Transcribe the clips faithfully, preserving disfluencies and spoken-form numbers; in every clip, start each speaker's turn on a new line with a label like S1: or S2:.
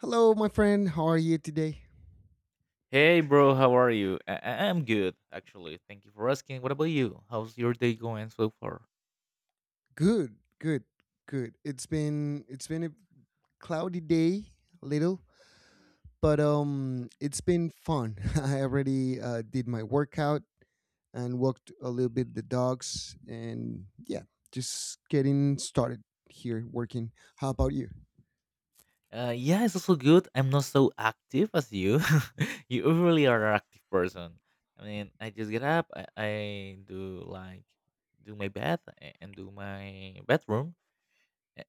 S1: Hello, my friend. How are you today?
S2: Hey, bro, how are you? I- I- I'm good, actually. Thank you for asking. What about you? How's your day going so far?
S1: Good, good, good. It's been it's been a cloudy day, a little, but um, it's been fun. I already uh, did my workout and walked a little bit the dogs, and yeah, just getting started here working. How about you?
S2: Uh, yeah, it's also good. I'm not so active as you. You really are an active person. I mean, I just get up, I, I do like do my bath a- and do my bedroom,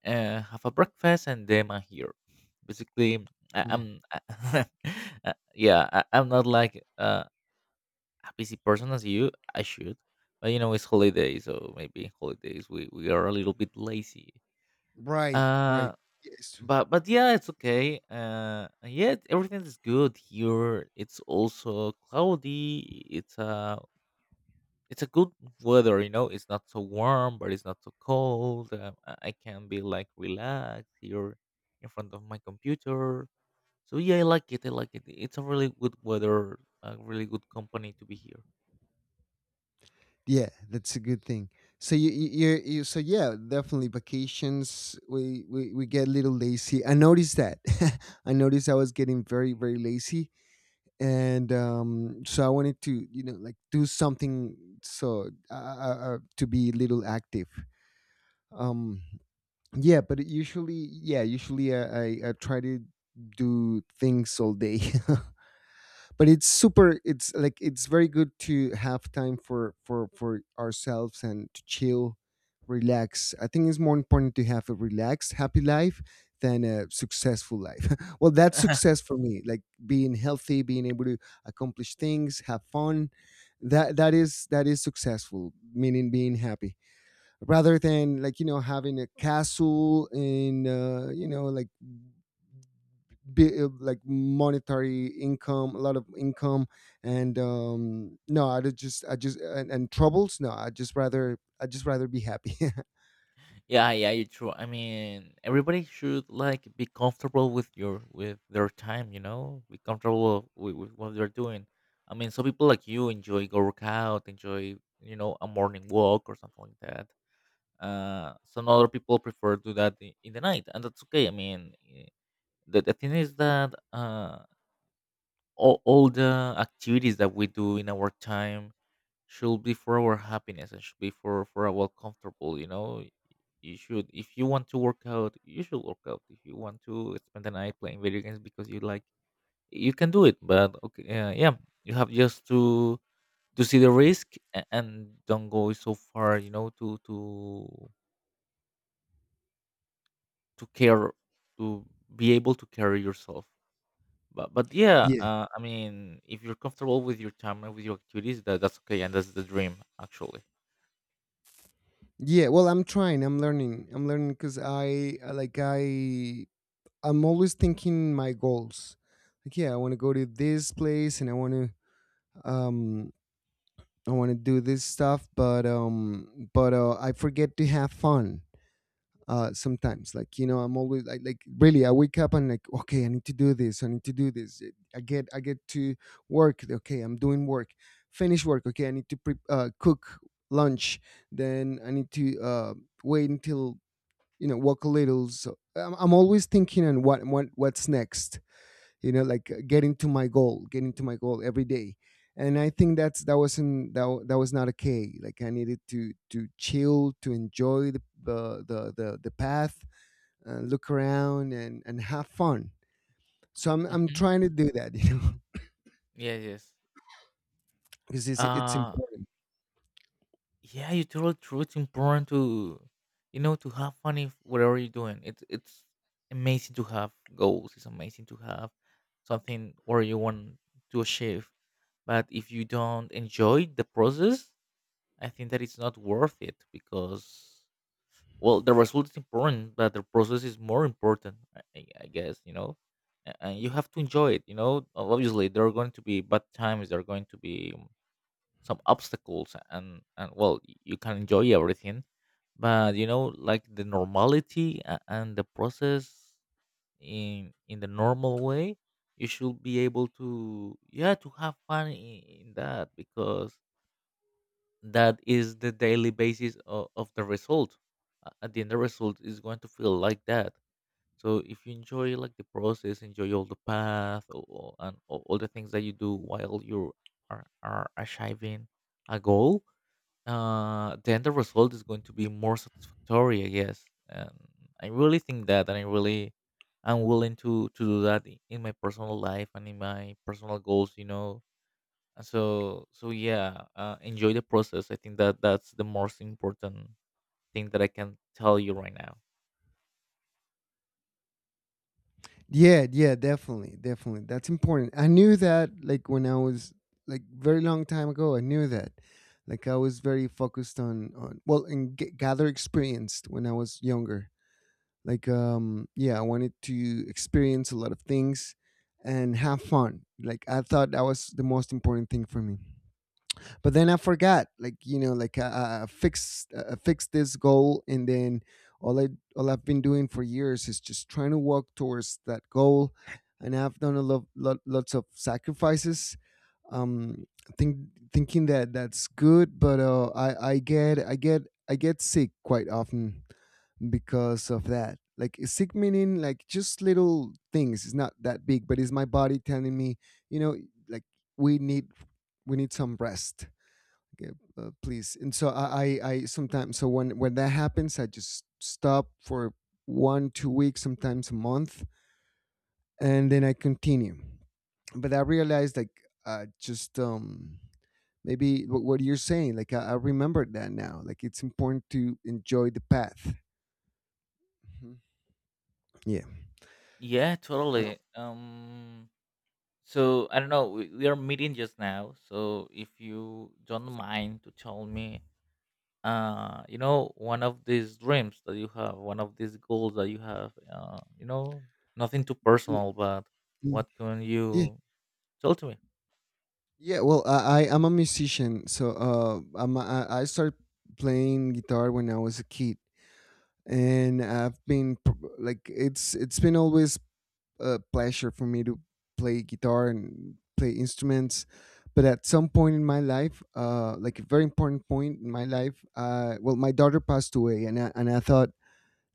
S2: a- uh, have a breakfast, and then I'm here. Basically, I,
S1: Mm.
S2: I'm uh, yeah, I, I'm not like uh, a busy person as you, I should. But you know, it's holiday, so maybe holidays we, we are a little bit lazy.
S1: Right,
S2: Uh
S1: right. Yes.
S2: but but yeah, it's okay. Uh yeah, everything is good here. It's also cloudy. It's a it's a good weather, you know. It's not so warm, but it's not so cold. Um, I I can be like relaxed here in front of my computer. So yeah, I like it. I like it. It's a really good weather, a really good company to be here.
S1: Yeah, that's a good thing. So you you, you you- so yeah, definitely vacations. We, we we get a little lazy. I noticed that. I noticed I was getting very very lazy, and um, so I wanted to, you know, like do something so uh, uh, uh, to be a little active. Um, yeah, but usually yeah, usually I, I I try to do things all day. But it's super, it's like it's very good to have time for for for ourselves and to chill, relax. I think it's more important to have a relaxed, happy life than a successful life. Well, that's success for me, like being healthy, being able to accomplish things, have fun. That that is that is successful, meaning being happy, rather than, like, you know, having a castle in, uh, you know, like bi- uh, like monetary income, a lot of income, and um, no, I would just I just and, and troubles. No, I just rather I just rather be happy.
S2: Yeah, yeah, you're true. I mean, everybody should like be comfortable with your with their time, you know, be comfortable with, with what they're doing. I mean, some people like you enjoy go workout, enjoy you know a morning walk or something like that. Uh, some other people prefer to do that in, in the night, and that's okay. I mean, eh, the the thing is that uh, all all the activities that we do in our time should be for our happiness and should be for for our comfortable, you know. You should, if you want to work out, you should work out. If you want to spend the night playing video games because you like, you can do it, but okay. Uh, yeah, you have just to to see the risk a- and don't go so far, you know, to to to care, to be able to carry yourself. But but yeah,
S1: Yeah,
S2: uh, I mean, if you're comfortable with your time and with your activities, that that's okay, and that's the dream actually.
S1: yeah. Well, I'm trying. I'm learning. I'm learning because I I- like I, I'm always thinking my goals. Like yeah, I want to go to this place and I want to, um I want to do this stuff, but um but uh, I forget to have fun uh, sometimes. Like, you know, I'm always like, like really. I wake up and like, okay, I need to do this. I need to do this. I get I get to work. Okay, I'm doing work. Finish work. Okay, I need to pre- uh, cook lunch. Then I need to uh, wait until, you know, walk a little. So I'm, I'm always thinking on what what what's next. You know, like, uh, getting to my goal, getting to my goal every day. And I think that's that wasn't that, wa- that was not okay. Like I needed to to chill, to enjoy the the the the, the path, and look around and and have fun. So i'm i'm
S2: Hmm.
S1: trying to do that, you know.
S2: Yeah. Yes.
S1: Because it's it's
S2: Uh,
S1: important.
S2: yeah, you told the truth. It's important to, you know, to have fun if whatever you're doing. It's it's amazing to have goals. It's amazing to have something where you want to achieve. But if you don't enjoy the process, I think that it's not worth it, because well, the result is important, but the process is more important. I, I I guess you know, A- and you have to enjoy it. You know, obviously there are going to be bad times. There are going to be some obstacles, and and well, y- you can enjoy everything. But you know, like the normality a- and the process in in the normal way, you should be able to, yeah, to have fun in, in that, because that is the daily basis of, of the result. A- at the end, the result is going to feel like that. So if you enjoy like the process, enjoy all the path, or, or- and all all the things that you do while you are, are achieving a goal, uh, then the result is going to be more satisfactory, I guess. And I really think that, and I really am willing to to do that i- in my personal life and in my personal goals, you know. And so, so yeah, uh, enjoy the process. I think that that's the most important thing that I can tell you right now.
S1: Yeah, yeah, definitely, definitely, that's important. I knew that, like when I was, like, very long time ago, I knew that. Like I was very focused on on well, and g- gather experience when I was younger. Like, um yeah, I wanted to experience a lot of things and have fun. Like I thought that was the most important thing for me. But then I forgot, like, you know, like I, I fixed I fixed this goal, and then all I, all I've been doing for years is just trying to walk towards that goal, and I've done a lot, lot lots of sacrifices, um, think thinking that that's good, but uh, I I get I get I get sick quite often because of that. Like sick meaning like just little things. It's not that big, but it's my body telling me, you know, like we need, we need some rest. Okay, uh, please. And so I, I, I sometimes, so when when that happens, I just stop for one, two weeks, sometimes a month, and then I continue. But I realized like uh, just um, maybe what, what you're saying. Like I, I remember that now. Like it's important to enjoy the path. Mhm. Yeah.
S2: Yeah,
S1: Um,
S2: totally. Um, so I don't know. We, we are meeting just now, so if you don't mind to tell me, uh you know, one of these dreams that you have, one of these goals that you have, uh you know, nothing too
S1: mm,
S2: personal, but
S1: mm.
S2: what can
S1: Yeah.
S2: you tell to me?
S1: Yeah. Well, I, I I'm a musician, so uh, I'm a, I I started playing guitar when I was a kid, and I've been p- like it's it's been always a pleasure for me to play guitar and play instruments. But at some point in my life, uh, like a very important point in my life, uh, well, my daughter passed away, and I, and I thought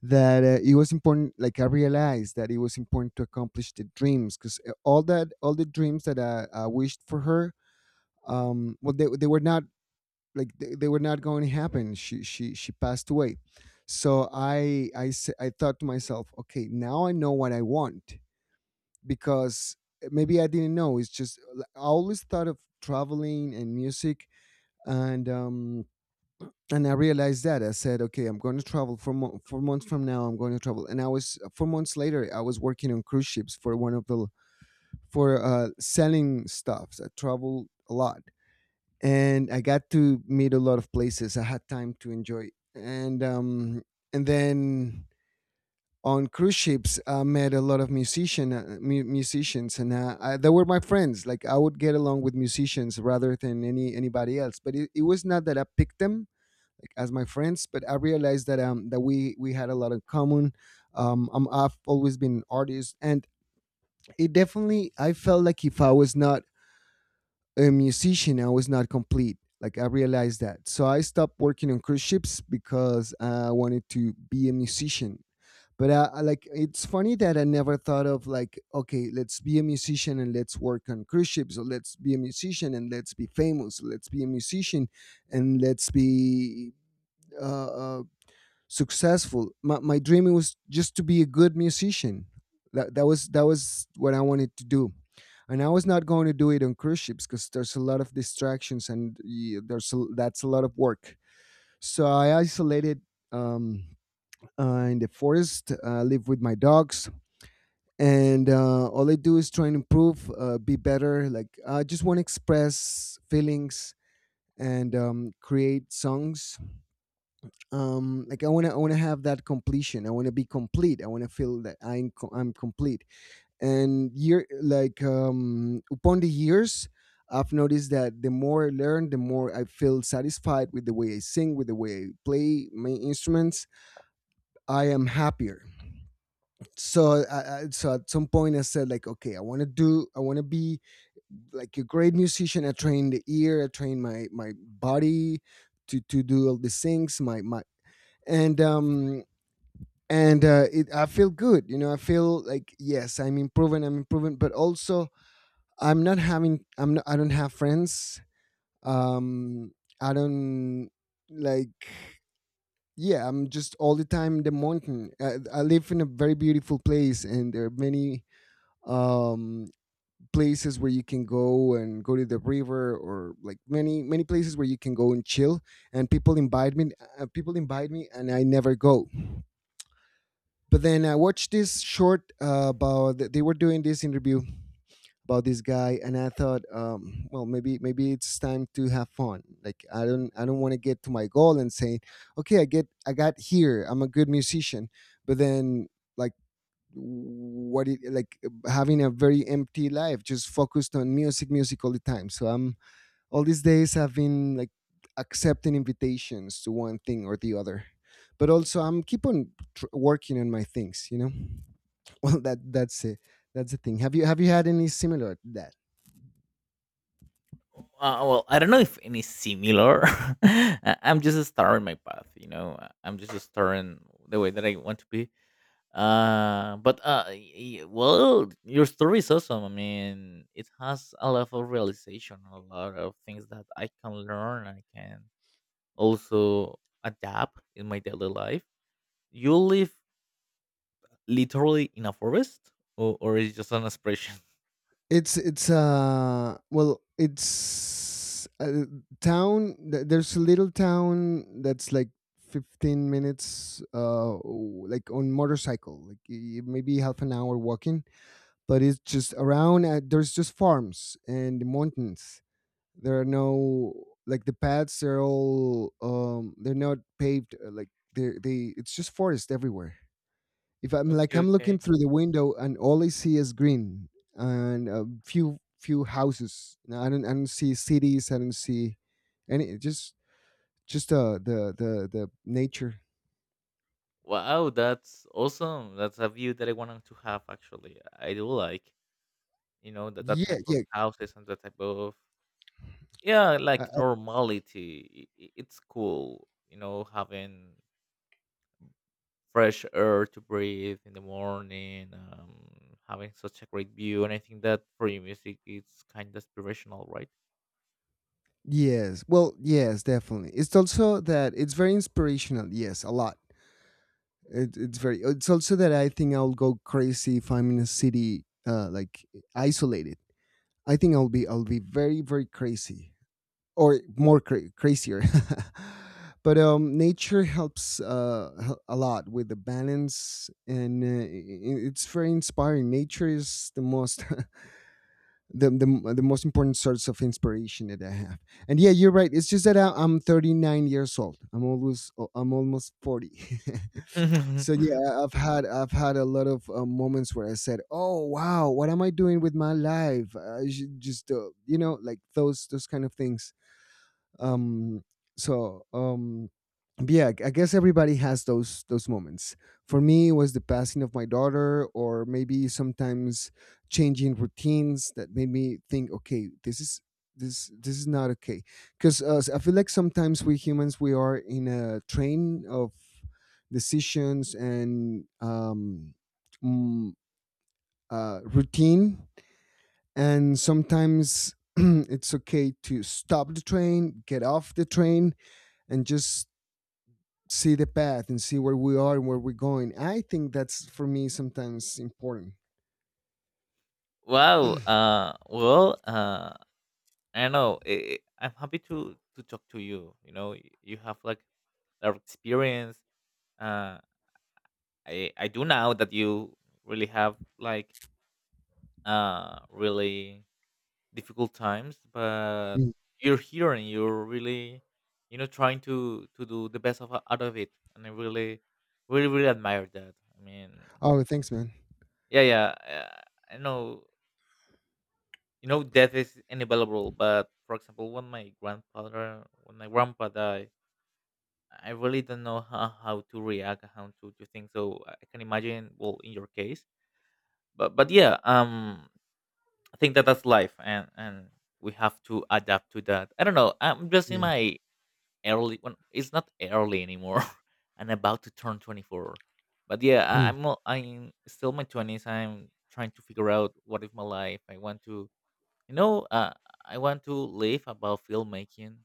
S1: that uh, it was important. Like I realized that it was important to accomplish the dreams because all that, all the dreams that I, I wished for her, um, well, they they were not, like they, they were not going to happen. She she she passed away. So I, I s- I thought to myself, okay, now I know what I want, because eh, maybe I didn't know. It's just like, I always thought of traveling and music, and um and I realized that I said, okay, I'm going to travel for mo- four months from now. I'm going to travel, and I was, four months later I was working on cruise ships for one of the, for uh selling stuffs. I traveled a lot and I got to meet a lot of places. I had time to enjoy, and um, and then on cruise ships, I met a lot of musician, uh, mu- musicians, and uh, I, they were my friends. Like I would get along with musicians rather than any anybody else. But it, it was not that I picked them like as my friends, but I realized that um that we we had a lot in common. Um, I'm, I've always been an artist, and it definitely, I felt like if I was not a musician, I was not complete. Like I realized that. So I stopped working on cruise ships because I wanted to be a musician. But I, I, like, it's funny that I never thought of like, okay, let's be a musician and let's work on cruise ships, or let's be a musician and let's be famous, let's be a musician and let's be uh, uh, successful. My, my dream was just to be a good musician. That, that was that was what I wanted to do, and I was not going to do it on cruise ships because there's a lot of distractions and y- there's a, that's a lot of work. So I isolated, um, uh, in the forest, uh, live with my dogs, and uh, all I do is try and improve, uh, be better. Like I just want to express feelings and, um, create songs. Um, like I want to, I want to have that completion. I want to be complete. I want to feel that I'm, co- I'm complete. And year, like, um upon the years, I've noticed that the more I learn, the more I feel satisfied with the way I sing, with the way I play my instruments, I am happier. So I, I, so at some point I said, like, okay, I want to do, I want to be like a great musician. I train the ear, I train my my body to to do all these things, my my and um and uh, it, I feel good, you know. I feel like, yes, I'm improving, I'm improving, but also I'm not having, I'm not, I don't have friends. Um I don't, like, yeah, I'm just all the time in the mountain. I, I live in a very beautiful place, and there are many, um places where you can go and go to the river, or like many many places where you can go and chill, and people invite me, uh, people invite me and I never go. But then I watched this short uh, about, they were doing this interview about this guy, and I thought, um, well, maybe maybe it's time to have fun. Like I don't, I don't want to get to my goal and saying, okay, i get I got here, I'm a good musician, but then, like, what it like, having a very empty life just focused on music, music all the time. So I'm all these days I've been like accepting invitations to one thing or the other, but also I'm keep on tr- working on my things, you know. Well, that that's it. That's the thing. Have you, have you had any similar that?
S2: Uh, well, I don't know if any similar. I- I'm just starting my path, you know. I- I'm just starting the way that I want to be. Uh, but uh, y- y- well, your story is awesome. I mean, it has a lot of realization, a lot of things that I can learn. I can also adapt in my daily life. You live literally in a forest, or or is it just an expression?
S1: It's it's uh well, it's a town. th- There's a little town that's like fifteen minutes, uh, w- like on motorcycle, like y- y- maybe half an hour walking. But it's just around. Uh, there's just farms and mountains. There are no, like, the paths. They're all, um. They're not paved. uh, Like they they, it's just forest everywhere. If I'm like,
S2: Okay,
S1: I'm
S2: okay.
S1: looking through the window and all I see is green and a few few houses. Now, I don't I don't see cities. I don't see any, just just uh the the the nature.
S2: Wow, that's awesome. That's a view that I wanted to have. Actually, I do like, you know, that that
S1: Yeah,
S2: type of
S1: yeah.
S2: houses and that type of, yeah,
S1: Uh,
S2: like
S1: uh,
S2: normality. I- i- It's cool, you know, having fresh air to breathe in the morning, um, having such a great view, and I think that for your music, it's kind of inspirational, right?
S1: yes. Well, yes, definitely. It's also that it's very inspirational. Yes, a lot. It, it's very. It's also that I think I'll go crazy if I'm in a city, uh, like isolated. I think I'll be I'll be very very crazy, or more cra- crazier. but um, nature helps uh, h- a lot with the balance, and uh, i- i- it's very inspiring. Nature is the most the, the the most important source of inspiration that I have. And yeah, you're right. It's just that I, I'm thirty-nine years old. I'm almost I'm almost forty. So yeah, I- I've had I've had a lot of uh, moments where I said, "Oh wow, what am I doing with my life?" I should just uh, you know like those those kind of things. um so um but yeah, I guess everybody has those those moments. For me it was the passing of my daughter, or maybe sometimes changing routines that made me think, okay, this is this this is not okay. Because uh, I feel like sometimes we humans we are in a train of decisions and um mm, uh, routine. And sometimes it's okay to stop the train, get off the train, and just see the path and see where we are and where we're going. I think that's for me sometimes important.
S2: Wow. Uh, well. Uh, I don't know. i i I'm happy to to talk to you. You know, y- you have like a lot of experience. Uh, I I do now that you really have like uh really difficult times, but
S1: Mm.
S2: you're here and you're really, you know, trying to to do the best of out of it, and I really, really, really admire that. I mean,
S1: Oh, thanks, man.
S2: yeah, yeah. Uh, I know. You know, death is inevitable, but for example, when my grandfather, when my grandpa died, I really don't know how, how to react, how to to think. So I can imagine, well, in your case, but but yeah, um, I think that that's life, and and we have to adapt to that. I don't know. I'm just in
S1: Yeah.
S2: my early. When it's not early anymore, I'm about to turn twenty-four. But yeah, I,
S1: Mm.
S2: I'm al- I'm still in my twenties. I'm trying to figure out what is my life. I want to, you know, uh, I want to live about filmmaking.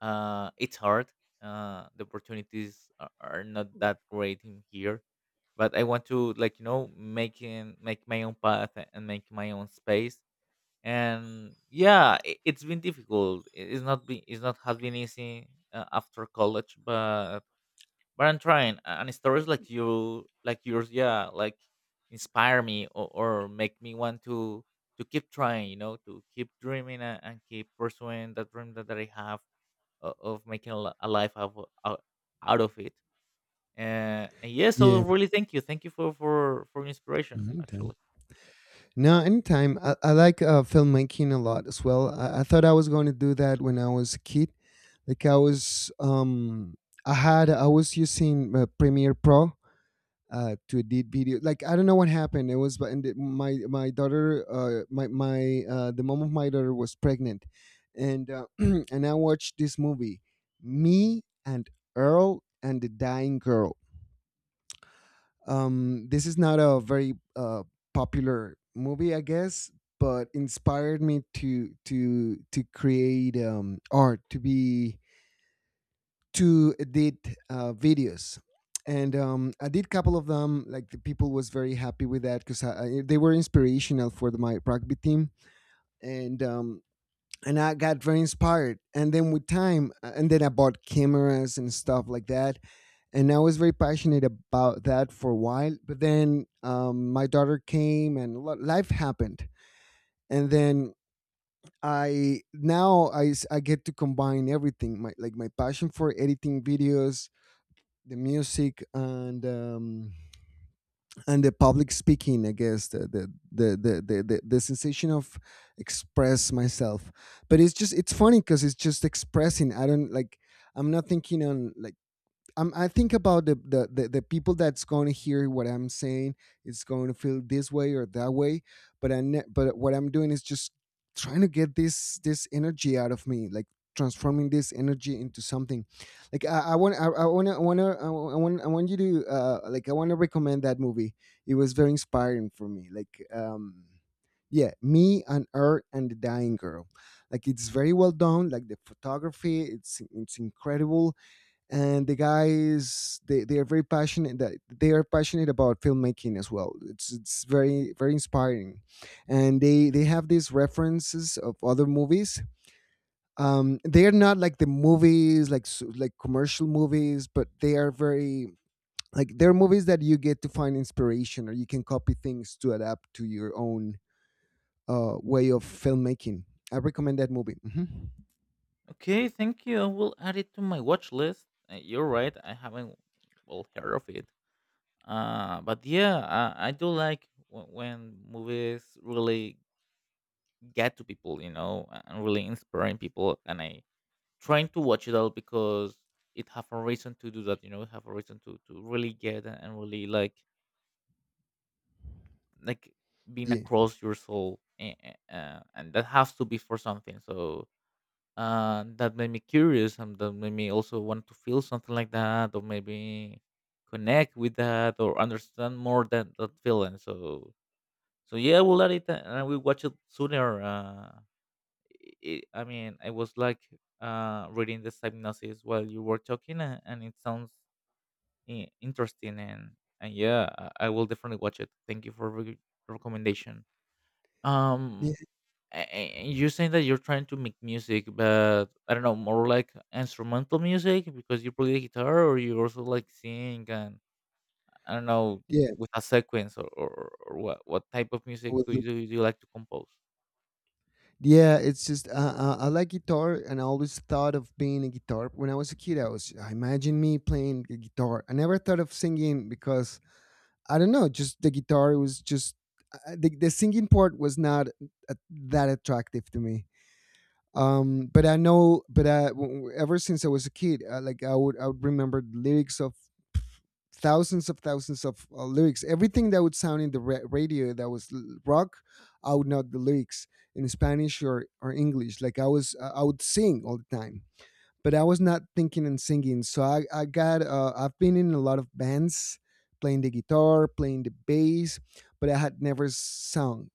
S2: Uh, it's hard. Uh, the opportunities are, are not that great in here, but I want to like, you know, making make my own path and make my own space. And yeah, it, it's been difficult. It- It's not been it's not has been easy uh, after college, but but I'm trying. And stories like you like yours, yeah, like inspire me, or, or make me want to to keep trying, you know, to keep dreaming, and, and keep pursuing that dream that, that I have, o- of making a li- a life out of, out out of it. Uh, and yeah, so
S1: Yeah,
S2: really thank you, thank you for for for inspiration,
S1: anytime.
S2: actually.
S1: No, anytime. I, I like uh, filmmaking a lot as well. I, I thought I was going to do that when I was a kid. Like I was, um, I had, I was using uh, Premiere Pro, uh, to edit video. Like I don't know what happened. It was but and it- my my daughter, uh, my my uh, the mom of my daughter was pregnant, and uh, and I watched this movie, Me and Earl and the Dying Girl. Um, this is not a very uh, popular movie, I guess, but inspired me to to to create um, art to be to edit uh, videos. And um, I did a couple of them, like the people was very happy with that because I, I, they were inspirational for the, my rugby team. And um, and I got very inspired, and then with time uh, and then I bought cameras and stuff like that. And I was very passionate about that for a while, but then um, my daughter came and lo- life happened. And then I now I, s- I get to combine everything, my, like my passion for editing videos, the music, and um, and the public speaking, I guess, the the, the the the the the sensation of express myself. But it's just it's funny because it's just expressing. I don't like I'm not thinking on, like— I'm, I think about the, the the the people that's going to hear what I'm saying. It's going to feel this way or that way. But I ne- but what I'm doing is just trying to get this this energy out of me, like transforming this energy into something. Like I, I want I, I want I want I want I want you to uh, like I want to recommend that movie. It was very inspiring for me. Like um yeah, me and her and the dying girl. Like it's very well done. Like the photography, it's it's incredible, and the guys, they, they are very passionate, that they are passionate about filmmaking as well. It's it's very, very inspiring, and they they have these references of other movies. Um they are not like the movies, like s- like commercial movies, but they are very— like they're movies that you get to find inspiration, or you can copy things to adapt to your own uh way of filmmaking. I recommend that movie. Mhm.
S2: Okay, thank you. I will add it to my watch list. Uh, you're right, I haven't well heard of it. Uh, but yeah, I, I do like w- when movies really get to people, you know, a- and really inspiring people. And I trying to watch it all because it have a reason to do that, you know, it have a reason to to really get and really like like being
S1: Yeah,
S2: across your soul, and, uh, and that has to be for something. So uh, that made me curious, and that made me also want to feel something like that, or maybe connect with that or understand more that that feeling. So so yeah, we'll let it, uh, and we watch it sooner. Uh I I mean, I was like uh reading this hypnosis while you were talking, and, and it sounds i- interesting, and and yeah, I, I will definitely watch it. Thank you for re- recommendation.
S1: yeah,
S2: um a- a- and you're saying that you're trying to make music, but I don't know, more like instrumental music because you play the guitar, or you also like sing and I don't know,
S1: yeah,
S2: with a sequence, or, or, or what what type of
S1: I
S2: music
S1: will.
S2: do you, do you like to compose?
S1: Yeah, it's just uh, uh, I like guitar, and I always thought of playing a guitar. When I was a kid, I was I imagine me playing a guitar. I never thought of singing because I don't know, just the guitar was just uh, the the singing part was not uh, that attractive to me. Um, but I know, but I, w- w- ever since I was a kid, uh, like I would I would remember the lyrics, thousands of thousands of uh, lyrics. Everything that would sound in the ra- radio that was l- rock, I would know the lyrics in Spanish or, or English. Like I was, uh, I would sing all the time, but I was not thinking and singing. So I, I got, uh, I've been in a lot of bands playing the guitar, playing the bass, but I had never sung.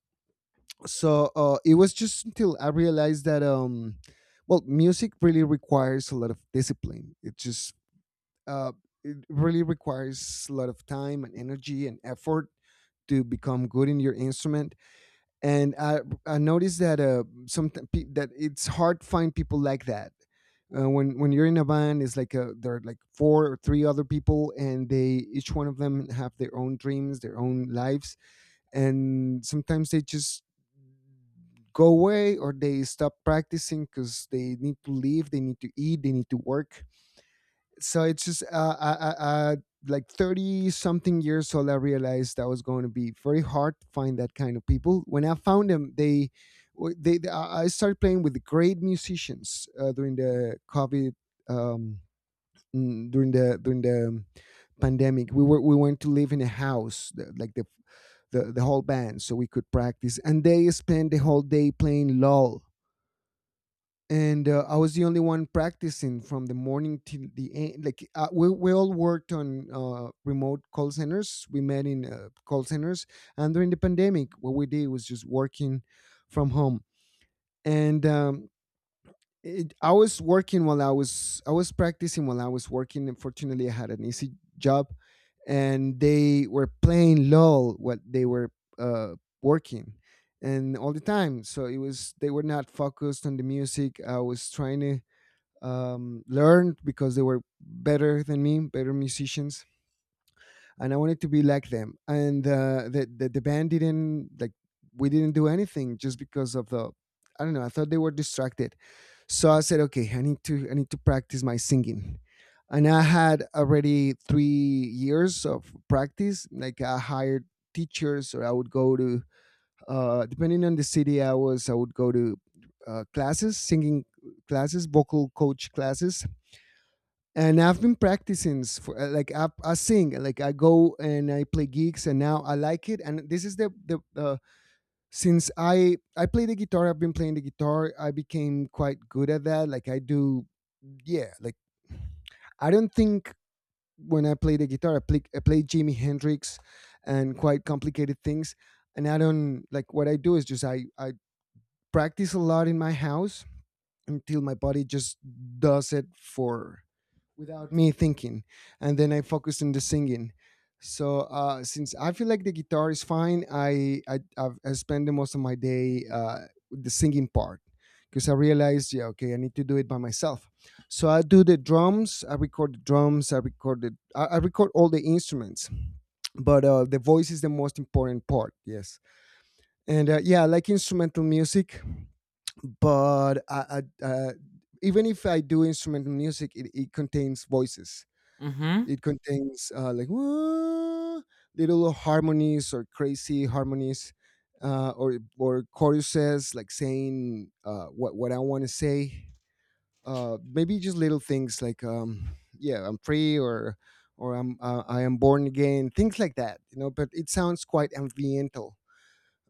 S1: So uh, it was just until I realized that, um, well, music really requires a lot of discipline. It just uh, it really requires a lot of time and energy and effort to become good in your instrument. And I, I noticed that uh, some that it's hard to find people like that. Uh, when when you're in a band, it's like uh there are like four or three other people, and they each one of them have their own dreams, their own lives, and sometimes they just go away, or they stop practicing because they need to leave, they need to eat, they need to work. So it's just uh, uh, uh, uh, like thirty something years old, I realized that was going to be very hard to find that kind of people. When I found them, they w- they, they- I I started playing with great musicians uh, during the covid um, mm, during the during the um, pandemic. We were we went to live in a house, the, like the the, the whole band, so we could practice. And they spent the whole day playing LOL. And uh, I was the only one practicing from the morning till the end. Like uh, we we all worked on uh, remote call centers. We met in uh, call centers, and during the pandemic, what we did was just working from home. And um, it, I was working while I was I was practicing while I was working. Unfortunately, I had an easy job, and they were playing LOL what they were uh, working. And all the time, so it was they were not focused on the music. I was trying to um, learned because they were better than me, better musicians, and I wanted to be like them. And uh, the, the the band didn't, like, we didn't do anything just because of the— I don't know. I thought they were distracted, so I said, okay, I need to I need to practice my singing. And I had already three years of practice. Like I hired teachers, or I would go to uh, depending on the city I was, I would go to uh, classes, singing classes, vocal coach classes, and I've been practicing s- for uh, like I, I sing, like I go and I play gigs, and now I like it. And this is the the uh, since I I play the guitar, I've been playing the guitar I became quite good at that. Like I do, yeah, like I don't think. When I play the guitar, I play I play Jimi Hendrix and quite complicated things. And I don't, like, what I do is just I I practice a lot in my house until my body just does it for, without me thinking, and then I focus on the singing. So uh since I feel like the guitar is fine, i i, I've, I spend the most of my day uh with the singing part, because I realized, yeah, okay, I need to do it by myself. So I do the drums, I record the drums, I record the, I, I record all the instruments. But uh The voice is the most important part. Yes. and uh, Yeah, I like instrumental music, but I, I uh even if I do instrumental music, it, it contains voices.
S2: Mm-hmm.
S1: It contains uh, like "Wah," little harmonies or crazy harmonies, uh, or or choruses, like saying uh, what what I want to say. Uh, maybe just little things like um, yeah, I'm free, or or I'm uh, I am born again, things like that. You know, but it sounds quite ambiental.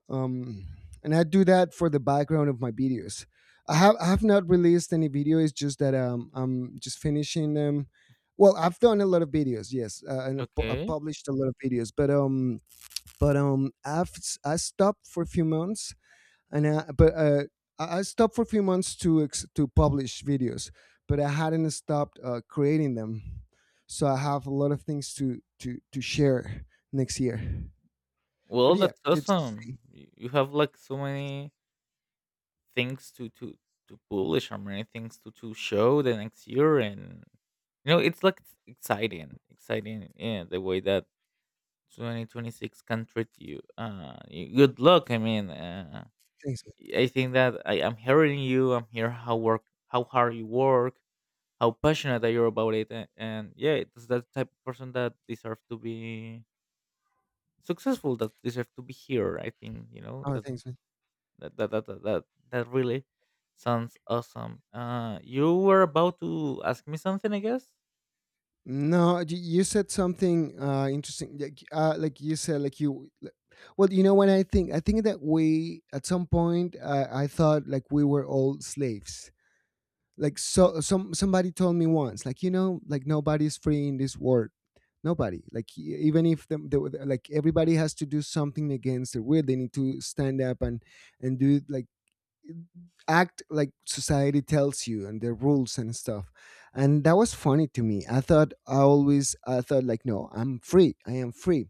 S1: um, and I do that for the background of my videos. I have I have not released any video. It's just that um, I'm just finishing them. Well, I've done a lot of videos, yes, uh, and I pu- I
S2: Okay.
S1: published a lot of videos, but um, but um, I've s- I stopped for a few months, and I, but uh, I I stopped for a few months to ex- to publish videos, but I hadn't stopped uh, creating them, so I have a lot of things to to to share next year. But
S2: Well,
S1: yeah,
S2: that's
S1: it's
S2: awesome. Y- you have like so many things to to to publish, or many things to to show the next year, and you know, it's like exciting exciting, yeah, the way that two thousand twenty-six can treat you. Uh, y- good luck. I mean, uh,
S1: thanks, man.
S2: I think that I am hearing you. I'm here how work, how hard you work, how passionate that you're about it, a- and yeah, it's that type of person that deserves to be successful, that deserves to be here. I think you know
S1: Oh,
S2: that
S1: thanks, man.
S2: that that that that, that that really sounds awesome. Uh, you were about to ask me something, I guess.
S1: No, you you said something uh, interesting. Like, uh, like you said, like you. like- Well, you know what I think. I think that we, at some point, uh, I thought like we were all slaves. Like, so, some somebody told me once, like you know, like nobody's free in this world. Nobody. Like e- even if the, the like everybody has to do something against their will. They need to stand up and and do like act like society tells you and the rules and stuff. And that was funny to me. I thought, I always I thought like, no, I'm free, I am free.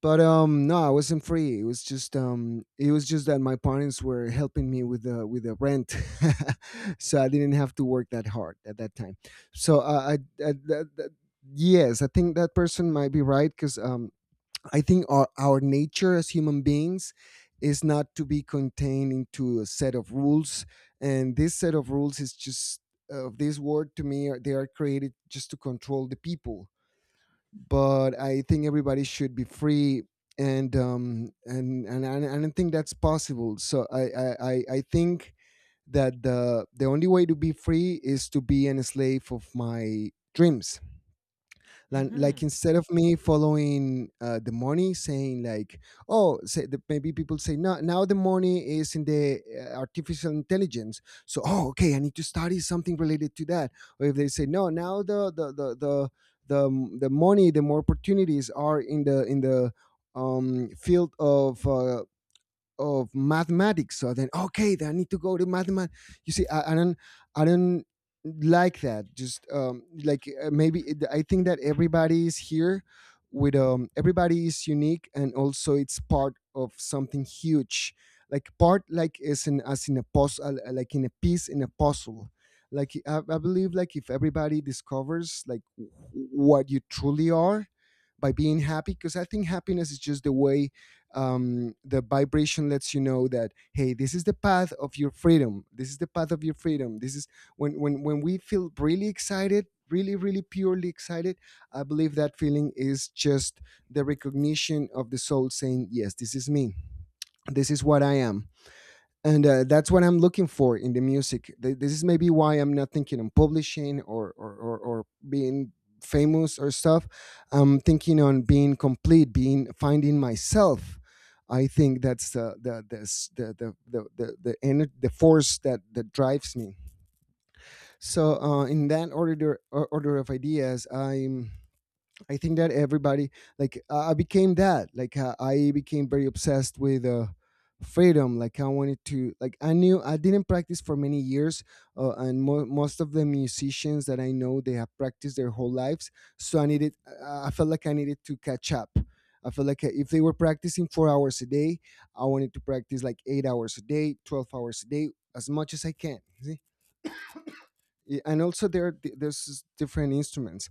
S1: But um no, I wasn't free. It was just um it was just that my parents were helping me with the with the rent. So I didn't have to work that hard at that time. So uh, i, I that, that, yes, I think that person might be right because um I think our, our nature as human beings is not to be contained into a set of rules. And this set of rules is just, of this word to me, are- they are created just to control the people. But I think everybody should be free. And um and and, and I don't think that's possible. So I, I I I think that the the only way to be free is to be an slave of my dreams. like,
S2: Mm-hmm.
S1: like instead of me following uh, the money saying like, oh say the, maybe people say, no, now the money is in the uh, artificial intelligence, so, oh, okay, I need to study something related to that. Or if they say, no, now the the the the the, the money, the more opportunities are in the in the um, field of uh, of mathematics. So then, okay, then I need to go to mathematics. You see, I, I don't, I don't like that. Just um, like uh, maybe it, I think that everybody is here with um, everybody is unique, and also it's part of something huge. Like part, like as in as in a puzzle, uh, like in a piece in a puzzle. Like I, I believe, like if everybody discovers like wh- what you truly are, by being happy, because I think happiness is just the way, um, the vibration lets you know that, hey, this is the path of your freedom, this is the path of your freedom, this is when when when we feel really excited, really really purely excited, I believe that feeling is just the recognition of the soul saying, yes, this is me, this is what I am. And uh, that's what I'm looking for in the music. Th- This is maybe why I'm not thinking on publishing or or or, or being famous or stuff. I'm thinking on being complete, being finding myself. I think that's the the the s- the the the the the, ener- the force that that drives me. So uh, in that order or- order of ideas, I'm I think that everybody like uh, I became that like uh, I became very obsessed with uh, freedom. Like I wanted to, like I knew I didn't practice for many years, uh, and mo- most of the musicians that I know, they have practiced their whole lives. So I needed, I I felt like I needed to catch up. I felt like uh, if they were practicing four hours a day, I wanted to practice like eight hours a day, twelve hours a day, as much as I can. You see? Yeah, and also there are di- there's different instruments,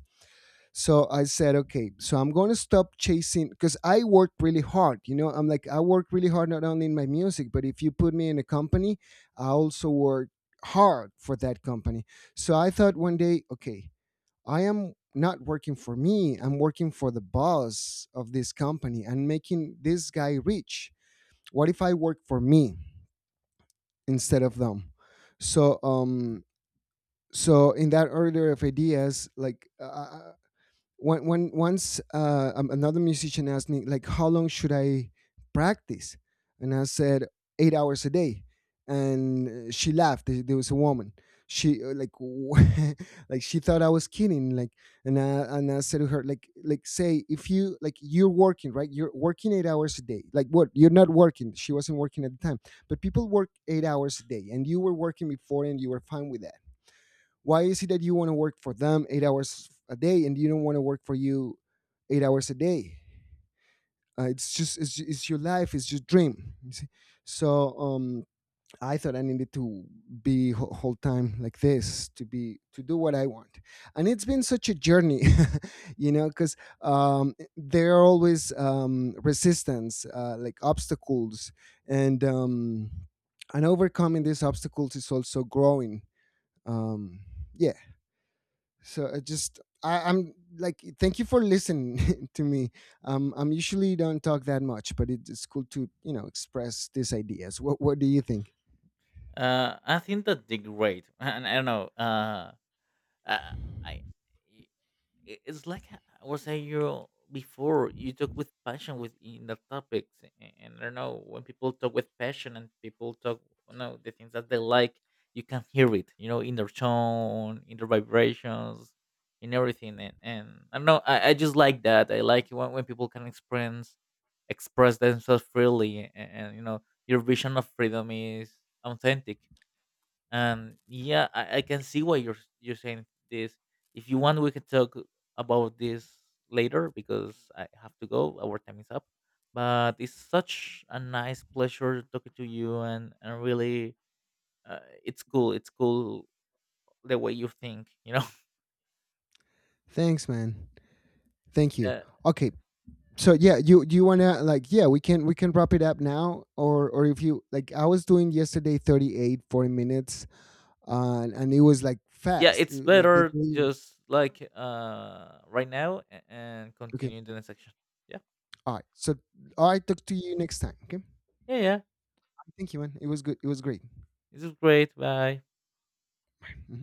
S1: so I said, okay, so I'm going to stop chasing, because I work really hard. You know, I'm like, I work really hard not only in my music, but if you put me in a company, I also work hard for that company. So I thought one day, okay, I am not working for me, I'm working for the boss of this company and making this guy rich. What if I work for me instead of them? So, um, so in that order of ideas, like uh, when when once uh, um, another musician asked me, like, how long should I practice, and I said eight hours a day, and uh, she laughed. There there was a woman. She uh, like like she thought I was kidding. Like, and I and I said to her, like like say if you, like, you're working, right, you're working eight hours a day. Like, what, you're not working. She wasn't working at the time, but people work eight hours a day, and you were working before, and you were fine with that. Why is it that you want to work for them eight hours a day and you don't want to work for you eight hours a day? Uh, it's just it's, it's your life, it's your dream, you see? So um I thought I needed to be wh- whole time like this to be to do what I want. And it's been such a journey. You know, because um there are always um resistance, uh, like obstacles. And um and overcoming these obstacles is also growing. um yeah. So I just, I, I'm like, thank you for listening to me. Um, I'm usually don't talk that much, but it, it's cool to, you know, express these ideas. What What do you think?
S2: Uh, I think that did great. And I don't know. Uh, I, I i- it's like I was saying you before. You talk with passion within the topics, a- and I don't know, when people talk with passion and people talk, you know, the things that they like, you can hear it, you know, in their tone, in their vibrations, in everything. And, and I don't know, I, I just like that. I like when, when people can express express themselves freely, and, and you know, your vision of freedom is authentic, and yeah, I, I can see why you're you're saying this. If you want, we can talk about this later because I have to go. Our time is up. But it's such a nice pleasure talking to you, and and really, uh, it's cool. It's cool the way you think, you know.
S1: Thanks, man. Thank you.
S2: uh,
S1: Okay, so yeah, you, do you wanna like, yeah, we can we can wrap it up now, or or if you like, I was doing yesterday thirty-eight forty minutes. Uh, and it was like
S2: yeah,
S1: fast,
S2: it's
S1: it- like did
S2: better
S1: we.
S2: just like uh right now, a- and
S1: Okay,
S2: continue in the next section. Yeah,
S1: all right, so, all right, talk to you next time, okay?
S2: yeah, yeah.
S1: Thank you, man, it was good, it was great.
S2: This is great. Bye.
S1: Mhm.